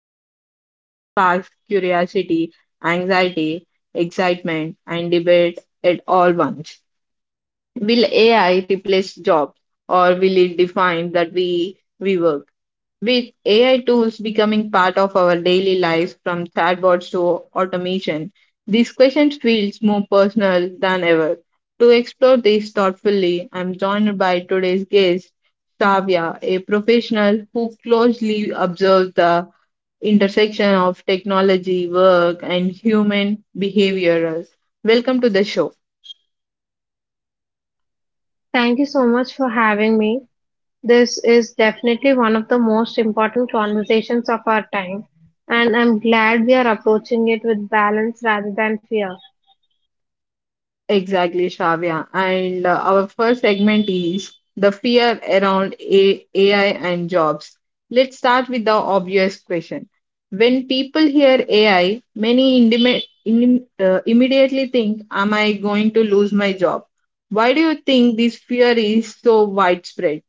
is one that sparks curiosity, anxiety, excitement, and debate at all once. Will AI replace jobs or will it define that we work? With AI tools becoming part of our daily lives from chatbots to automation, this question feels more personal than ever. To explore this thoughtfully, I'm joined by today's guest, Savia, a professional who closely observes the intersection of technology, work, and human behavior. Welcome to the show. Thank you so much for having me. This is definitely one of the most important conversations of our time, and I'm glad we are approaching it with balance rather than fear. Exactly, Shravya. And our first segment is the fear around AI and jobs. Let's start with the obvious question. When people hear AI, many immediately think, am I going to lose my job? Why do you think this fear is so widespread?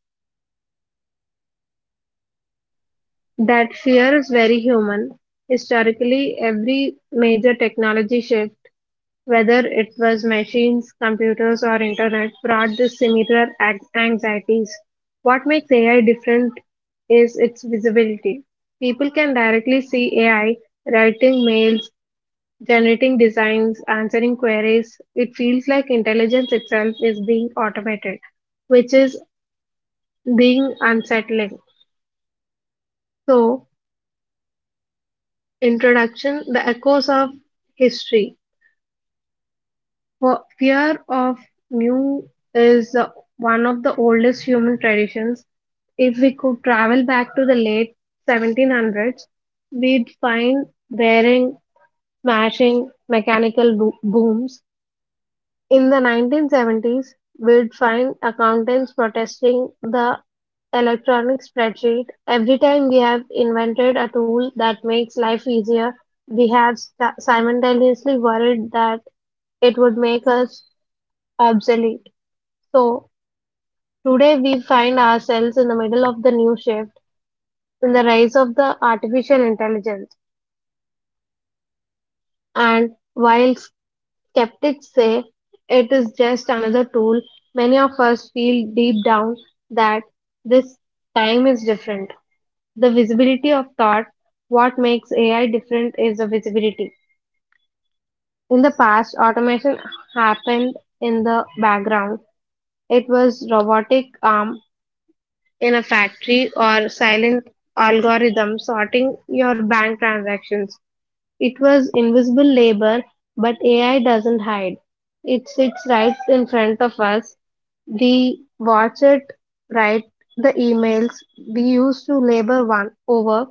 That fear is very human. Historically, every major technology shift, whether it was machines, computers, or internet, brought this similar anxieties. What makes AI different is its visibility. People can directly see AI writing mails, generating designs, answering queries. It feels like intelligence itself is being automated, which is being unsettling. So, introduction: the echoes of history. For fear of new is one of the oldest human traditions. If we could travel back to the late 1700s, we'd find wearing, smashing, mechanical booms. In 1970s, we'd find accountants protesting the electronic spreadsheet. Every time we have invented a tool that makes life easier, we have simultaneously worried that it would make us obsolete. So, today we find ourselves in the middle of the new shift in the rise of the artificial intelligence. And while skeptics say it is just another tool, many of us feel deep down that this time is different. The visibility of thought: what makes AI different is the visibility. In the past, automation happened in the background. It was robotic arm in a factory or silent algorithm sorting your bank transactions. It was invisible labor, but AI doesn't hide. It sits right in front of us. We watch it write the emails we used to labor one over.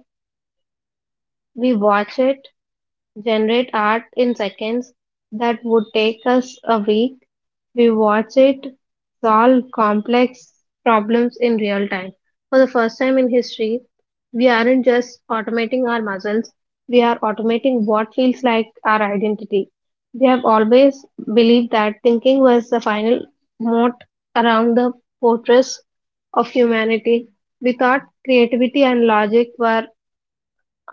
We watch it generate art in seconds that would take us a week. We watch it solve complex problems in real time. For the first time in history, we aren't just automating our muscles, we are automating what feels like our identity. We have always believed that thinking was the final moat around the fortress of humanity. We thought creativity and logic were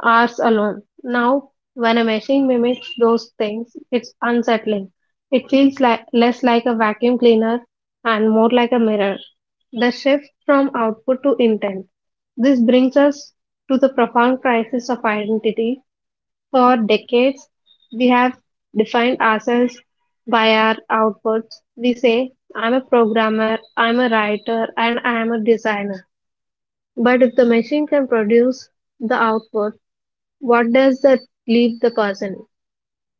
hours alone. Now, when a machine mimics those things, it's unsettling. It feels like, less like a vacuum cleaner and more like a mirror. The shift from output to intent. This brings us to the profound crisis of identity. For decades, we have defined ourselves by our outputs. We say, I'm a programmer, I'm a writer, and I am a designer. But if the machine can produce the output, what does that leave the person?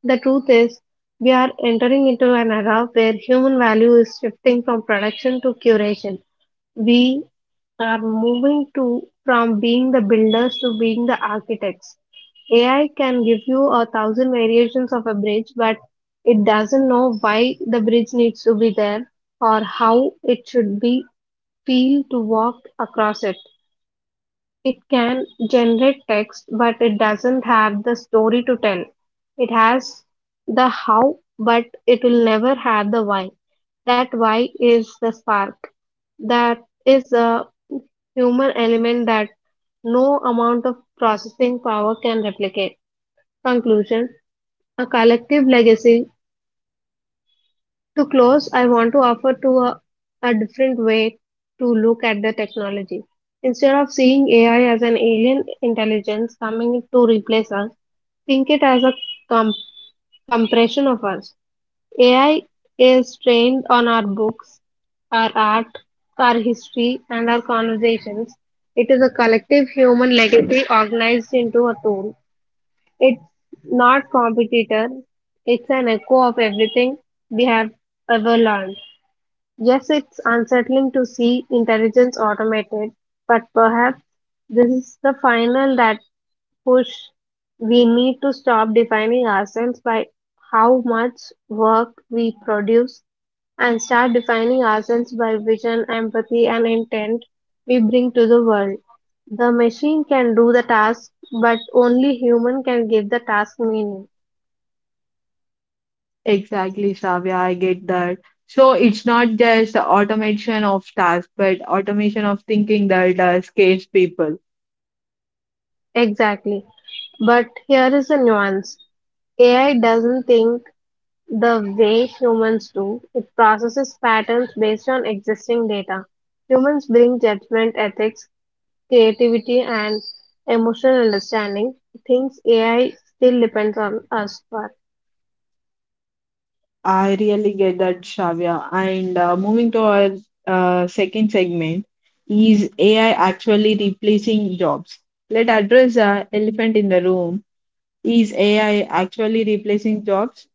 The truth is, we are entering into an era where human value is shifting from production to curation. We are moving to from being the builders to being the architects. AI can give you a thousand variations of a bridge, but it doesn't know why the bridge needs to be there or how it should be feel to walk across it. It can generate text, but it doesn't have the story to tell. It has the how, but it will never have the why. That why is the spark. That is a human element that no amount of processing power can replicate. Conclusion: a collective legacy. To close, I want to offer a different way to look at the technology. Instead of seeing AI as an alien intelligence coming to replace us, think it as a com- compression of us. AI is trained on our books, our art, our history, and our conversations. It is a collective human legacy organized into a tool. It's not competitor, it's an echo of everything we have ever learned. Yes, it's unsettling to see intelligence automated, but perhaps this is the final that push. We need to stop defining ourselves by how much work we produce and start defining ourselves by vision, empathy, and intent we bring to the world. The machine can do the task, but only human can give the task meaning. Exactly, Shravya. I get that. So it's not just automation of tasks, but automation of thinking that scares people. Exactly. But here is a nuance. AI doesn't think the way humans do; it processes patterns based on existing data. Humans bring judgment, ethics, creativity, and emotional understanding, things AI still depends on us for. I really get that, Shravya. And moving to our second segment, is AI actually replacing jobs? Let's address the elephant in the room. Is AI actually replacing jobs?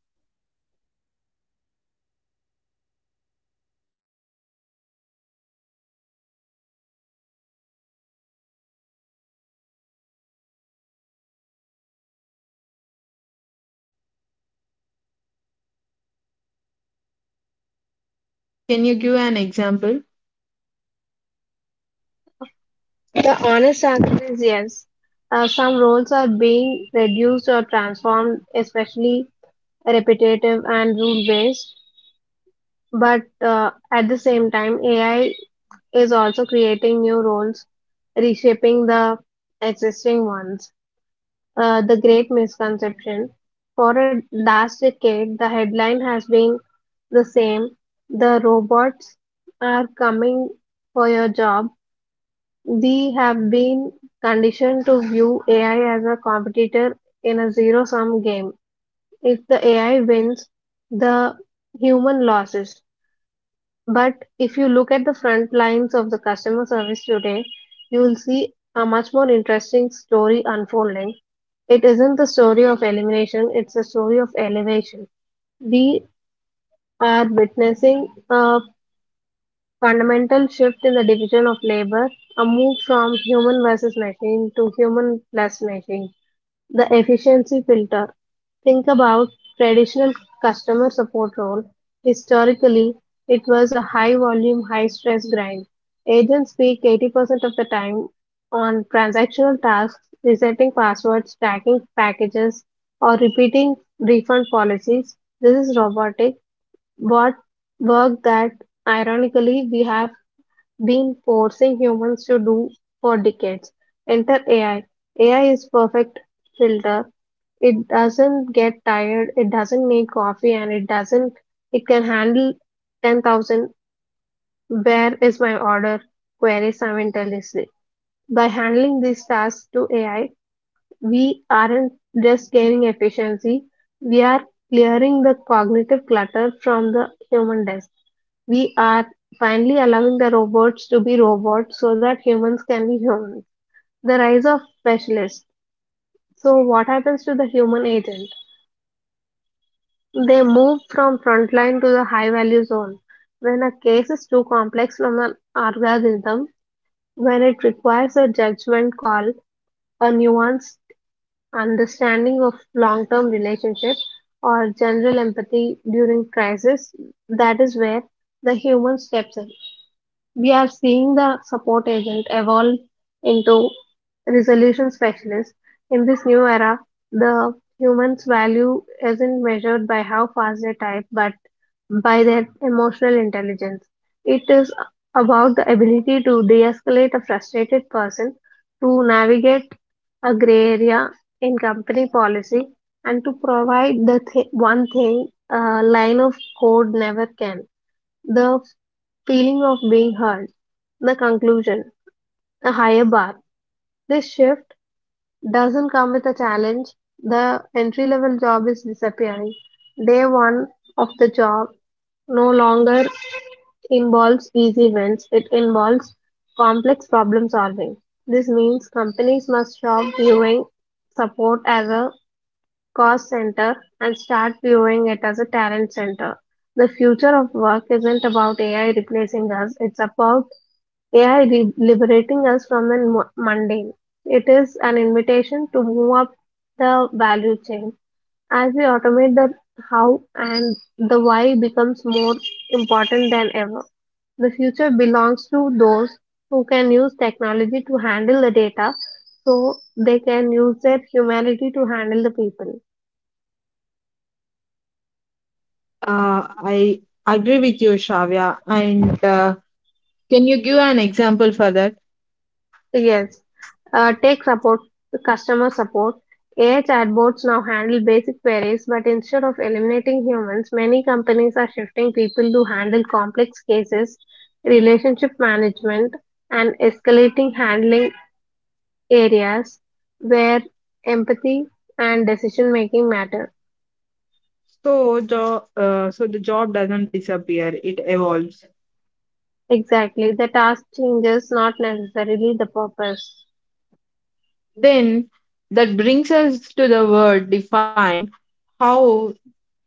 Can you give an example? The honest answer is yes. Some roles are being reduced or transformed, especially repetitive and rule based. But at the same time, AI is also creating new roles, reshaping the existing ones. The great misconception. For a last decade, the headline has been the same. The robots are coming for your job. We have been conditioned to view AI as a competitor in a zero sum game. If the AI wins, the human loses. But if you look at the front lines of the customer service today, you will see a much more interesting story unfolding. It isn't the story of elimination, it's a story of elevation. We are witnessing a fundamental shift in the division of labor, a move from human versus machine to human plus machine. The efficiency filter. Think about traditional customer support role. Historically, it was a high volume, high stress grind. Agents speak 80% of the time on transactional tasks, resetting passwords, tracking packages, or repeating refund policies. This is robotic, but work that ironically we have been forcing humans to do for decades. Enter AI. AI is perfect filter. It doesn't get tired, it doesn't need coffee, and it doesn't, it can handle 10,000 where is my order queries simultaneously. By handling these tasks to AI, we aren't just gaining efficiency, we are clearing the cognitive clutter from the human desk. We are finally allowing the robots to be robots so that humans can be humans. The rise of specialists. So, what happens to the human agent? They move from frontline to the high value zone. When a case is too complex from an algorithm, when it requires a judgment call, a nuanced understanding of long term relationships, or general empathy during crisis, that is where the human steps in. We are seeing the support agent evolve into resolution specialist. In this new era, the human's value isn't measured by how fast they type, but by their emotional intelligence. It is about the ability to de escalate a frustrated person, to navigate a gray area in company policy, and to provide the one thing a line of code never can. The feeling of being heard. The conclusion: a higher bar. This shift doesn't come with a challenge. The entry level job is disappearing. Day one of the job no longer involves easy wins, it involves complex problem solving. This means companies must stop viewing support as a cost center and start viewing it as a talent center. The future of work isn't about AI replacing us, it's about AI liberating us from the mundane. It is an invitation to move up the value chain. As we automate the how, and the why becomes more important than ever. The future belongs to those who can use technology to handle the data so they can use their humanity to handle the people. I agree with you, Shravya. And can you give an example for that? Yes. Tech support, customer support. AI chatbots now handle basic queries, but instead of eliminating humans, many companies are shifting people to handle complex cases, relationship management, and escalating handling areas where empathy and decision making matter. So, so the job doesn't disappear; it evolves. Exactly. The task changes, not necessarily the purpose. Then that brings us to the word define, how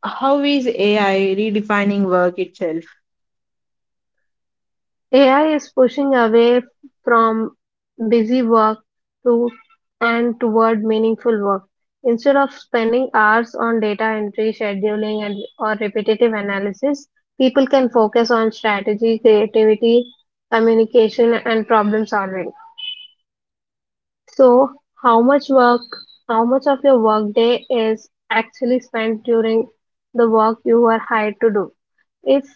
how is AI redefining work itself? AI is pushing away from busy work to and toward meaningful work. Instead of spending hours on data entry, scheduling, and or repetitive analysis, people can focus on strategy, creativity, communication, and problem solving. So, how much work, how much of your workday is actually spent during the work you are hired to do? If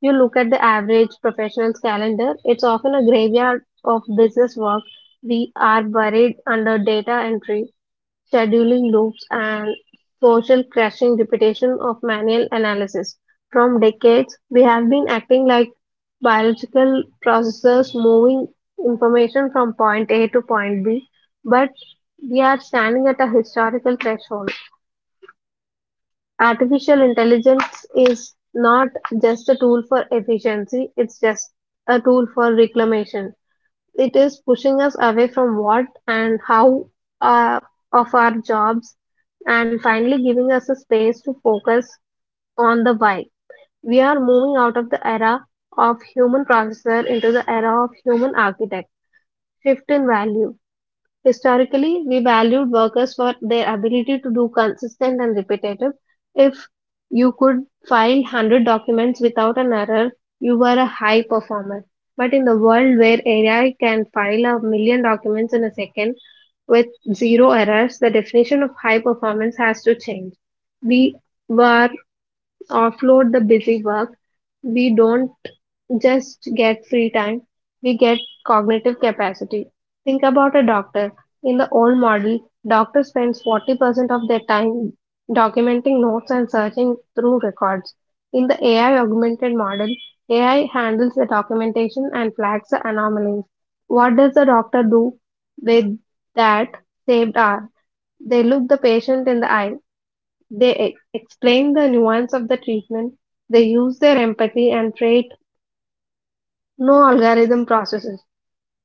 you look at the average professional's calendar, it's often a graveyard of business work. We are buried under data entry, scheduling loops, and social crashing repetition of manual analysis. From decades, we have been acting like biological processors moving information from point A to point B, but we are standing at a historical threshold. Artificial intelligence is not just a tool for efficiency, it's just a tool for reclamation. It is pushing us away from what and how, uh, of our jobs, and finally giving us a space to focus on the why. We are moving out of the era of human processor into the era of human architect. Shift in value. Historically, we valued workers for their ability to do consistent and repetitive. If you could file 100 documents without an error, you were a high performer. But in the world where AI can file a million documents in a second with zero errors, the definition of high performance has to change. We were offload the busy work. We don't just get free time, we get cognitive capacity. Think about a doctor. In the old model, doctor spends 40% of their time documenting notes and searching through records. In the AI augmented model, AI handles the documentation and flags the anomalies. What does the doctor do with that saved hour? They look the patient in the eye. They explain the nuance of the treatment. They use their empathy and trade no algorithm processes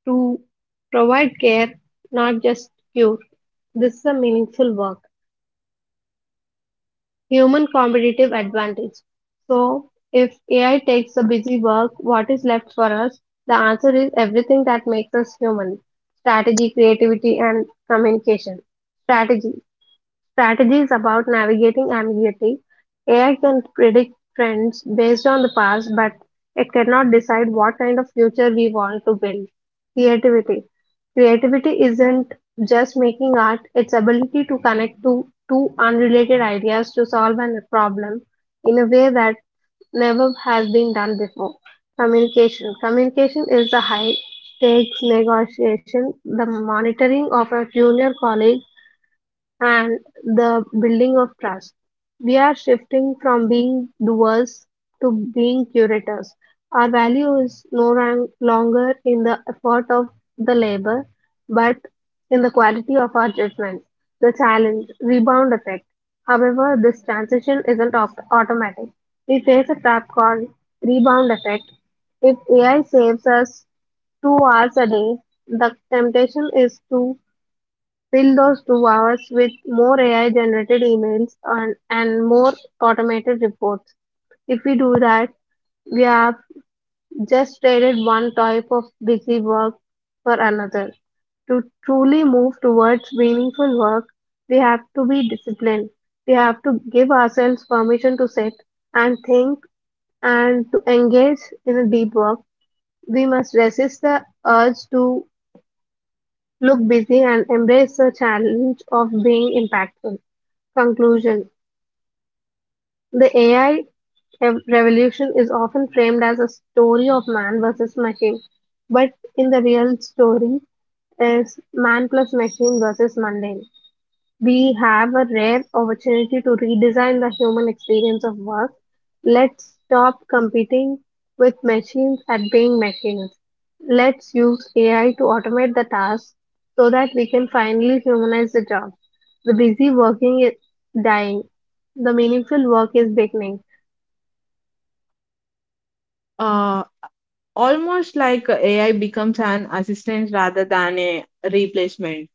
to provide care, not just cure. This is a meaningful work. Human competitive advantage. So, if AI takes the busy work, what is left for us? The answer is everything that makes us human: strategy, creativity, and communication. Strategy. Strategies about navigating ambiguity. AI can predict trends based on the past, but it cannot decide what kind of future we want to build. Creativity. Creativity isn't just making art, it's ability to connect two unrelated ideas to solve a problem in a way that never has been done before. Communication. Communication is the high stakes negotiation, the monitoring of a junior college and the building of trust. We are shifting from being doers to being curators. Our value is no longer in the effort of the labor, but in the quality of our judgment. The challenge, rebound effect. However, this transition isn't automatic. We face a trap called rebound effect. If AI saves us 2 hours a day, the temptation is to fill those 2 hours with more AI-generated emails and more automated reports. If we do that, we have just traded one type of busy work for another. To truly move towards meaningful work, we have to be disciplined. We have to give ourselves permission to sit and think and to engage in a deep work. We must resist the urge to look busy and embrace the challenge of being impactful. Conclusion. The AI revolution is often framed as a story of man versus machine, but in the real story, is man plus machine versus mundane. We have a rare opportunity to redesign the human experience of work. Let's stop competing with machines at being machines. Let's use AI to automate the tasks so that we can finally humanize the job. The busy working is dying. The meaningful work is beginning. Uh, Almost like AI becomes an assistant rather than a replacement.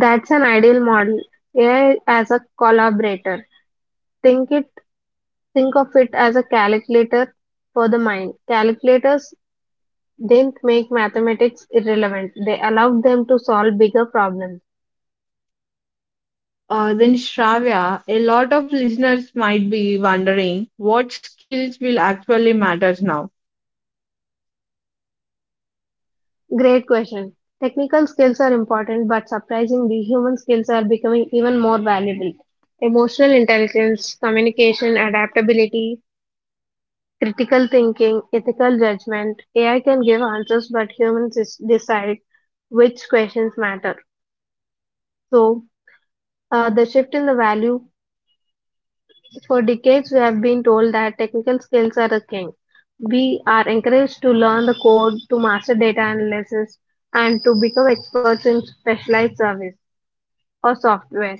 That's an ideal model. AI as a collaborator. Think it think of it as a calculator for the mind. Calculators didn't make mathematics irrelevant. They allowed them to solve bigger problems. Then, Shravya, a lot of listeners might be wondering what skills will actually matter now. Great question. Technical skills are important, but surprisingly, human skills are becoming even more valuable. Emotional intelligence, communication, adaptability, critical thinking, ethical judgment. AI can give answers, but humans decide which questions matter. So, the shift in the value. For decades, we have been told that technical skills are the king. We are encouraged to learn the code, to master data analysis, and to become experts in specialized service or software.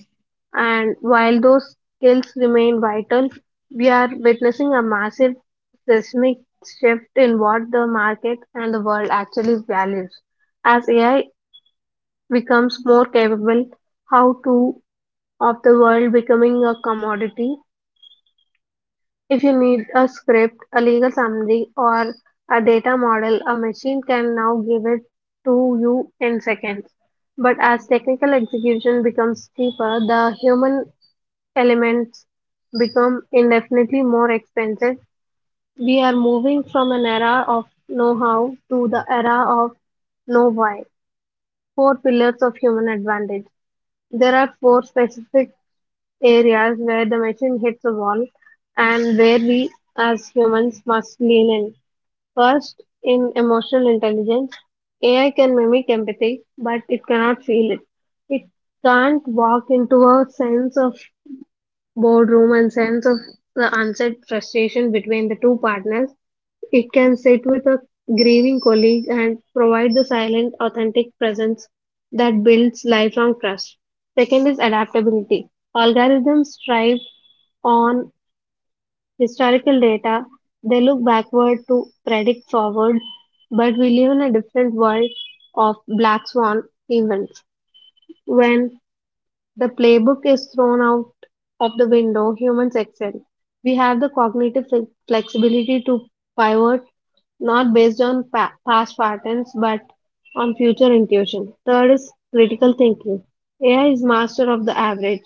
And while those skills remain vital, we are witnessing a massive seismic shift in what the market and the world actually values. As AI becomes more capable, how to of the world becoming a commodity. If you need a script, a legal summary, or a data model, a machine can now give it to you in seconds. But as technical execution becomes cheaper, the human elements become indefinitely more expensive. We are moving from an era of know how to the era of know why. Four pillars of human advantage. There are four specific areas where the machine hits a wall and where we as humans must lean in. First, in emotional intelligence, AI can mimic empathy, but it cannot feel it. It can't walk into a sense of boardroom and sense of the unsaid frustration between the two partners. It can sit with a grieving colleague and provide the silent, authentic presence that builds lifelong trust. Second is adaptability. Algorithms strive on historical data, they look backward to predict forward, but we live in a different world of black swan events. When the playbook is thrown out of the window, humans excel. We have the cognitive flexibility to pivot not based on past patterns but on future intuition. Third is critical thinking. AI is master of the average.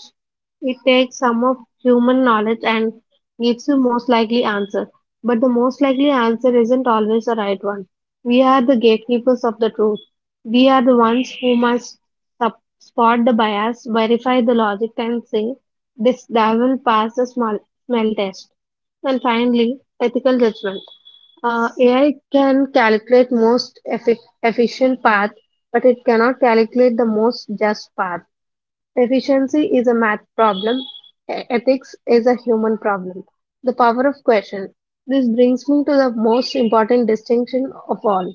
It takes some of human knowledge and gives you most likely answer. But the most likely answer isn't always the right one. We are the gatekeepers of the truth. We are the ones who must spot the bias, verify the logic, and say this devil passed the small smell test. And finally, ethical judgment. AI can calculate most efficient path, but it cannot calculate the most just path. Efficiency is a math problem. Ethics is a human problem. The power of question. This brings me to the most important distinction of all.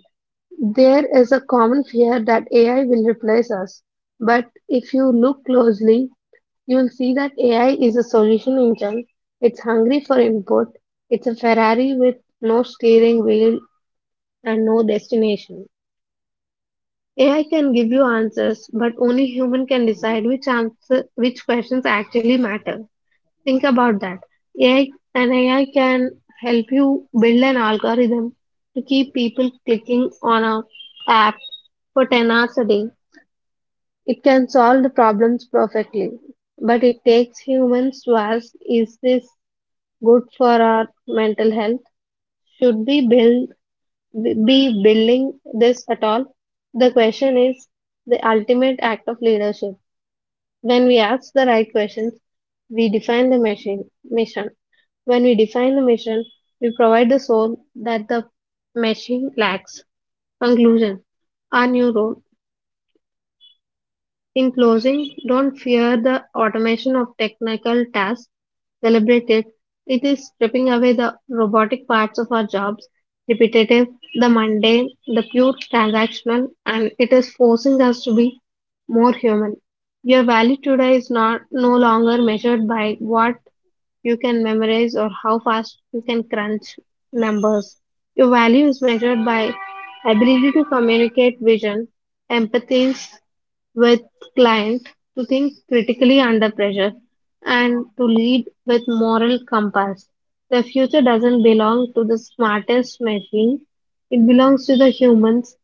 There is a common fear that AI will replace us. But if you look closely, you'll see that AI is a solution engine. It's hungry for input. It's a Ferrari with no steering wheel and no destination. AI can give you answers, but only human can decide which answer, which questions actually matter. Think about that. AI and AI can help you build an algorithm to keep people clicking on a app for 10 hours a day. It can solve the problems perfectly, but it takes humans to ask, is this good for our mental health? Should we build be building this at all? The question is the ultimate act of leadership. When we ask the right questions, we define the mission. When we define the mission, we provide the soul that the machine lacks. Conclusion. Our new role: in closing, don't fear the automation of technical tasks. Celebrate it. It is stripping away the robotic parts of our jobs, repetitive, the mundane, the pure transactional, and it is forcing us to be more human. Your value today is not no longer measured by what you can memorize or how fast you can crunch numbers. Your value is measured by ability to communicate vision, empathy, with client, to think critically under pressure and to lead with moral compass. The future doesn't belong to the smartest machine. It belongs to the humans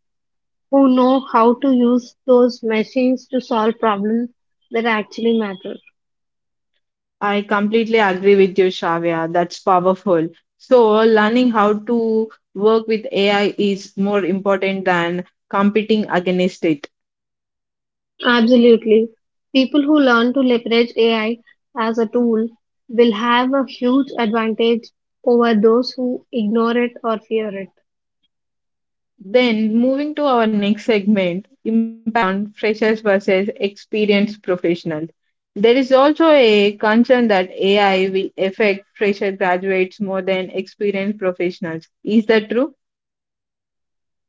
who know how to use those machines to solve problems that actually matter. I completely agree with you, Shravya. That's powerful. So, learning how to work with AI is more important than competing against it. Absolutely. People who learn to leverage AI as a tool will have a huge advantage over those who ignore it or fear it. Then moving to our next segment, impact on freshers versus experienced professionals. There is also a concern that AI will affect fresher graduates more than experienced professionals. Is that true?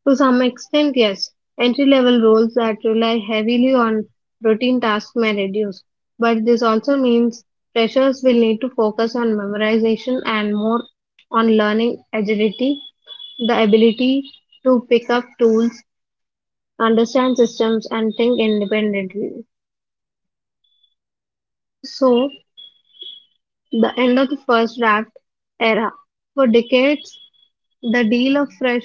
To some extent, yes. Entry level roles that rely heavily on routine tasks may reduce, but this also means freshers will need to focus on memorization and more on learning agility, the ability to pick up tools, understand systems, and think independently. So, the end of the first draft era. For decades, the deal of fresh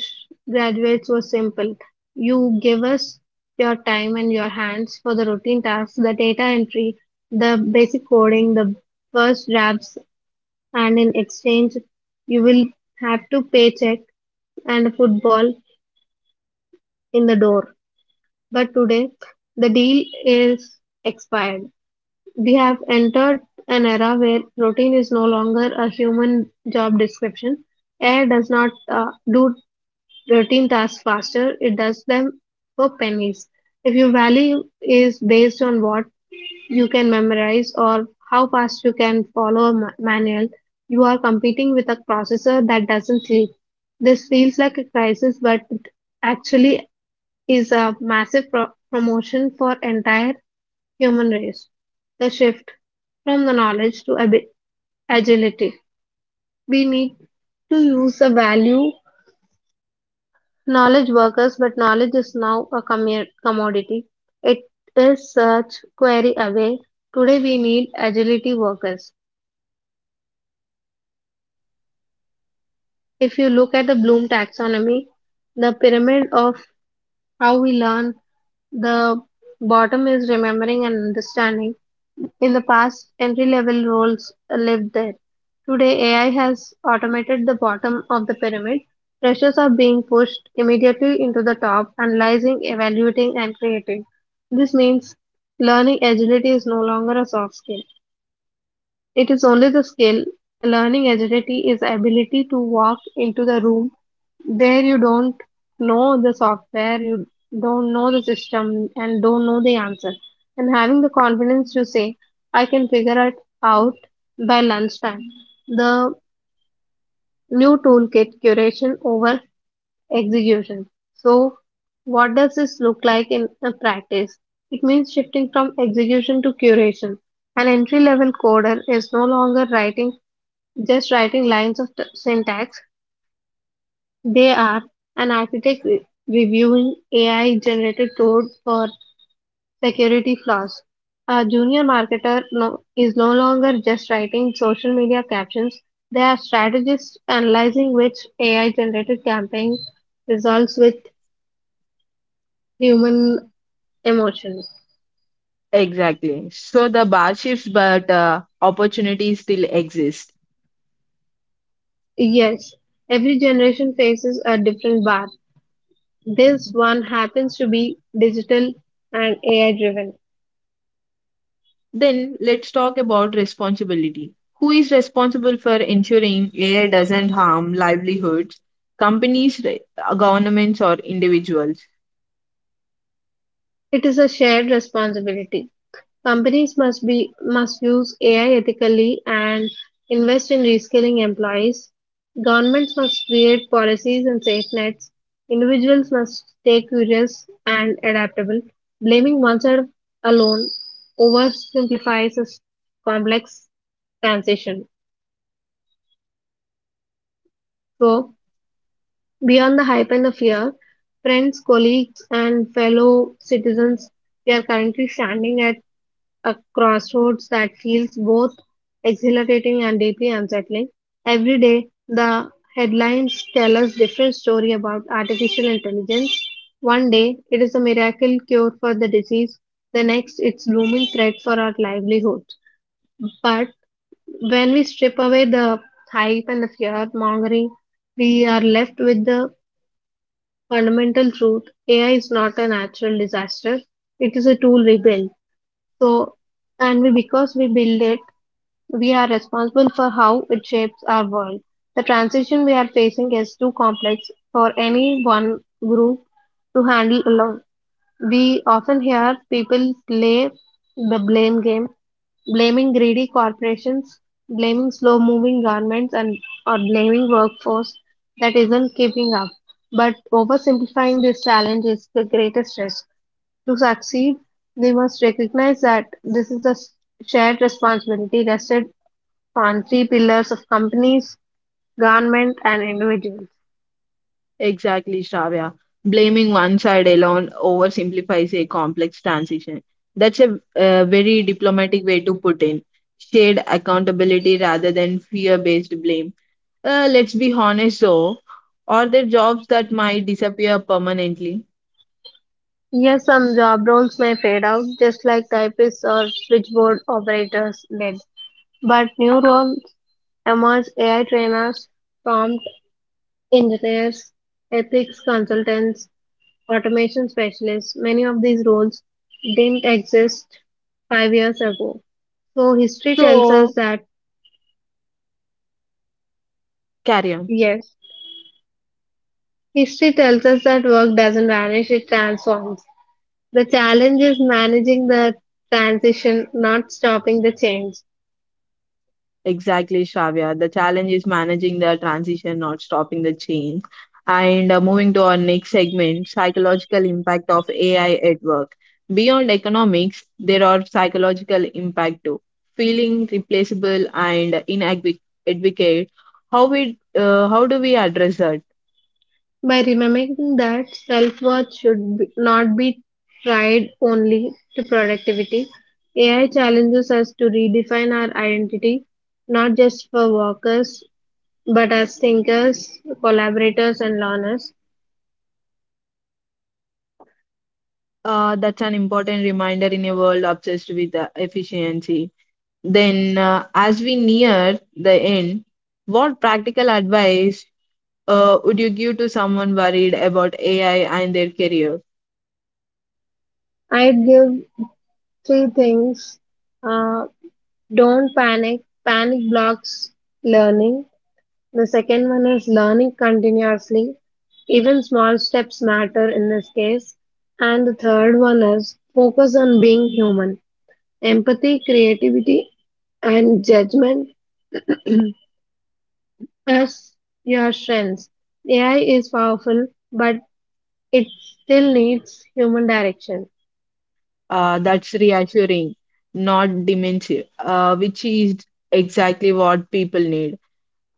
graduates was simple. You give us your time and your hands for the routine tasks, the data entry, the basic coding, the first drafts, and in exchange, you will have to paycheck and a football in the door. But today, the deal is expired. We have entered an era where routine is no longer a human job description. AI does not do routine tasks faster, it does them for pennies. If your value is based on what you can memorize or how fast you can follow a manual, you are competing with a processor that doesn't sleep. This feels like a crisis, but it actually is a massive promotion for entire human race. The shift from the knowledge to agility. We need to use the value. Knowledge workers, but knowledge is now a commodity. It is search, query away. Today we need agility workers. If you look at the Bloom taxonomy, the pyramid of how we learn, the bottom is remembering and understanding. In the past, entry-level roles lived there. Today, AI has automated the bottom of the pyramid. Freshers are being pushed immediately into the top, analyzing, evaluating, and creating. This means learning agility is no longer a soft skill. It is only the skill. Learning agility is ability to walk into the room there you don't know the software, you don't know the system and don't know the answer, and having the confidence to say, I can figure it out by lunchtime. The new toolkit: curation over execution. So what does this look like in a practice? It means shifting from execution to curation. An entry level coder is no longer writing just writing lines of syntax. They are an architect reviewing AI generated code for security flaws. A junior marketer is no longer just writing social media captions. They are strategists analyzing which AI generated campaign results with human emotion. Exactly. So the bar shifts, but opportunities still exist. Yes, every generation faces a different bar. This one happens to be digital and AI driven. Then let's talk about responsibility. Who is responsible for ensuring AI doesn't harm livelihoods, companies, governments, or individuals? It is a shared responsibility. Companies must use AI ethically and invest in reskilling employees. Governments must create policies and safe nets. Individuals must stay curious and adaptable. Blaming one side alone oversimplifies a complex transition. So, beyond the hype and the fear, friends, colleagues, and fellow citizens, we are currently standing at a crossroads that feels both exhilarating and deeply unsettling. Every day, the headlines tell us different story about artificial intelligence. One day, it is a miracle cure for the disease. The next, it's looming threat for our livelihood. But when we strip away the hype and the fear mongering, we are left with the fundamental truth. AI is not a natural disaster. It is a tool we build. So, and we because we build it we are responsible for how it shapes our world. The transition we are facing is too complex for any one group to handle alone. We often hear people play the blame game, blaming greedy corporations, blaming slow moving governments, and or blaming workforce that isn't keeping up. But oversimplifying this challenge is the greatest risk. To succeed, we must recognize that this is a shared responsibility, rested on three pillars of companies, government, and individuals. Exactly, Shravya. Blaming one side alone oversimplifies a complex transition. That's a, very diplomatic way to put in shared accountability rather than fear based blame. Let's be honest, though, are there jobs that might disappear permanently? Yes, some job roles may fade out, just like typists or switchboard operators did. But new roles emerge: AI trainers, prompt engineers, ethics consultants, automation specialists. Many of these roles didn't exist 5 years ago. So, history tells So, us that carry on. yes, history tells us that work doesn't vanish, it transforms. The challenge is managing the transition, not stopping the change. Exactly, Shravya. The challenge is managing the transition, not stopping the change. And moving to our next segment, psychological impact of AI at work. Beyond economics, there are psychological impact too. Feeling replaceable and inadequate. How do we address that? By remembering that self worth should not be tied only to productivity, AI challenges us to redefine our identity not just for workers but as thinkers, collaborators, and learners. That's an important reminder in a world obsessed with efficiency. Then, as we near the end, what practical advice would you give to someone worried about AI and their career? I'd give three things: uh, don't panic, panic blocks learning. The second one is learning continuously. Even small steps matter in this case. And the third one is focus on being human. Empathy, creativity, and judgment as your strengths. AI is powerful, but it still needs human direction. That's reassuring, not dementia, which is exactly what people need.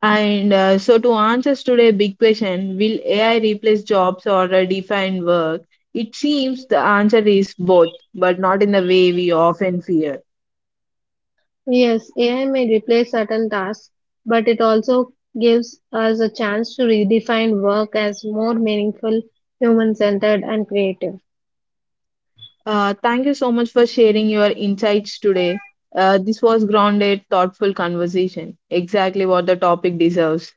And so, to answer today's big question, will AI replace jobs or define work? It seems the answer is both, but not in the way we often fear. Yes, AI may replace certain tasks, but it also gives us a chance to redefine work as more meaningful, human centered, and creative. Thank you so much for sharing your insights today. This was grounded, thoughtful conversation, exactly what the topic deserves.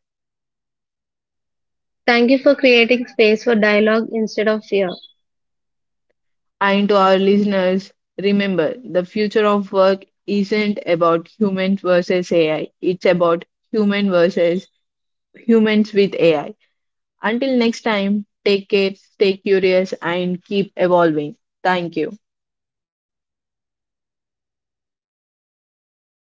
Thank you for creating space for dialogue instead of fear. And to our listeners, remember the future of work isn't about human versus AI, it's about human versus humans with AI. Until next time, take care, stay curious, and keep evolving. Thank you.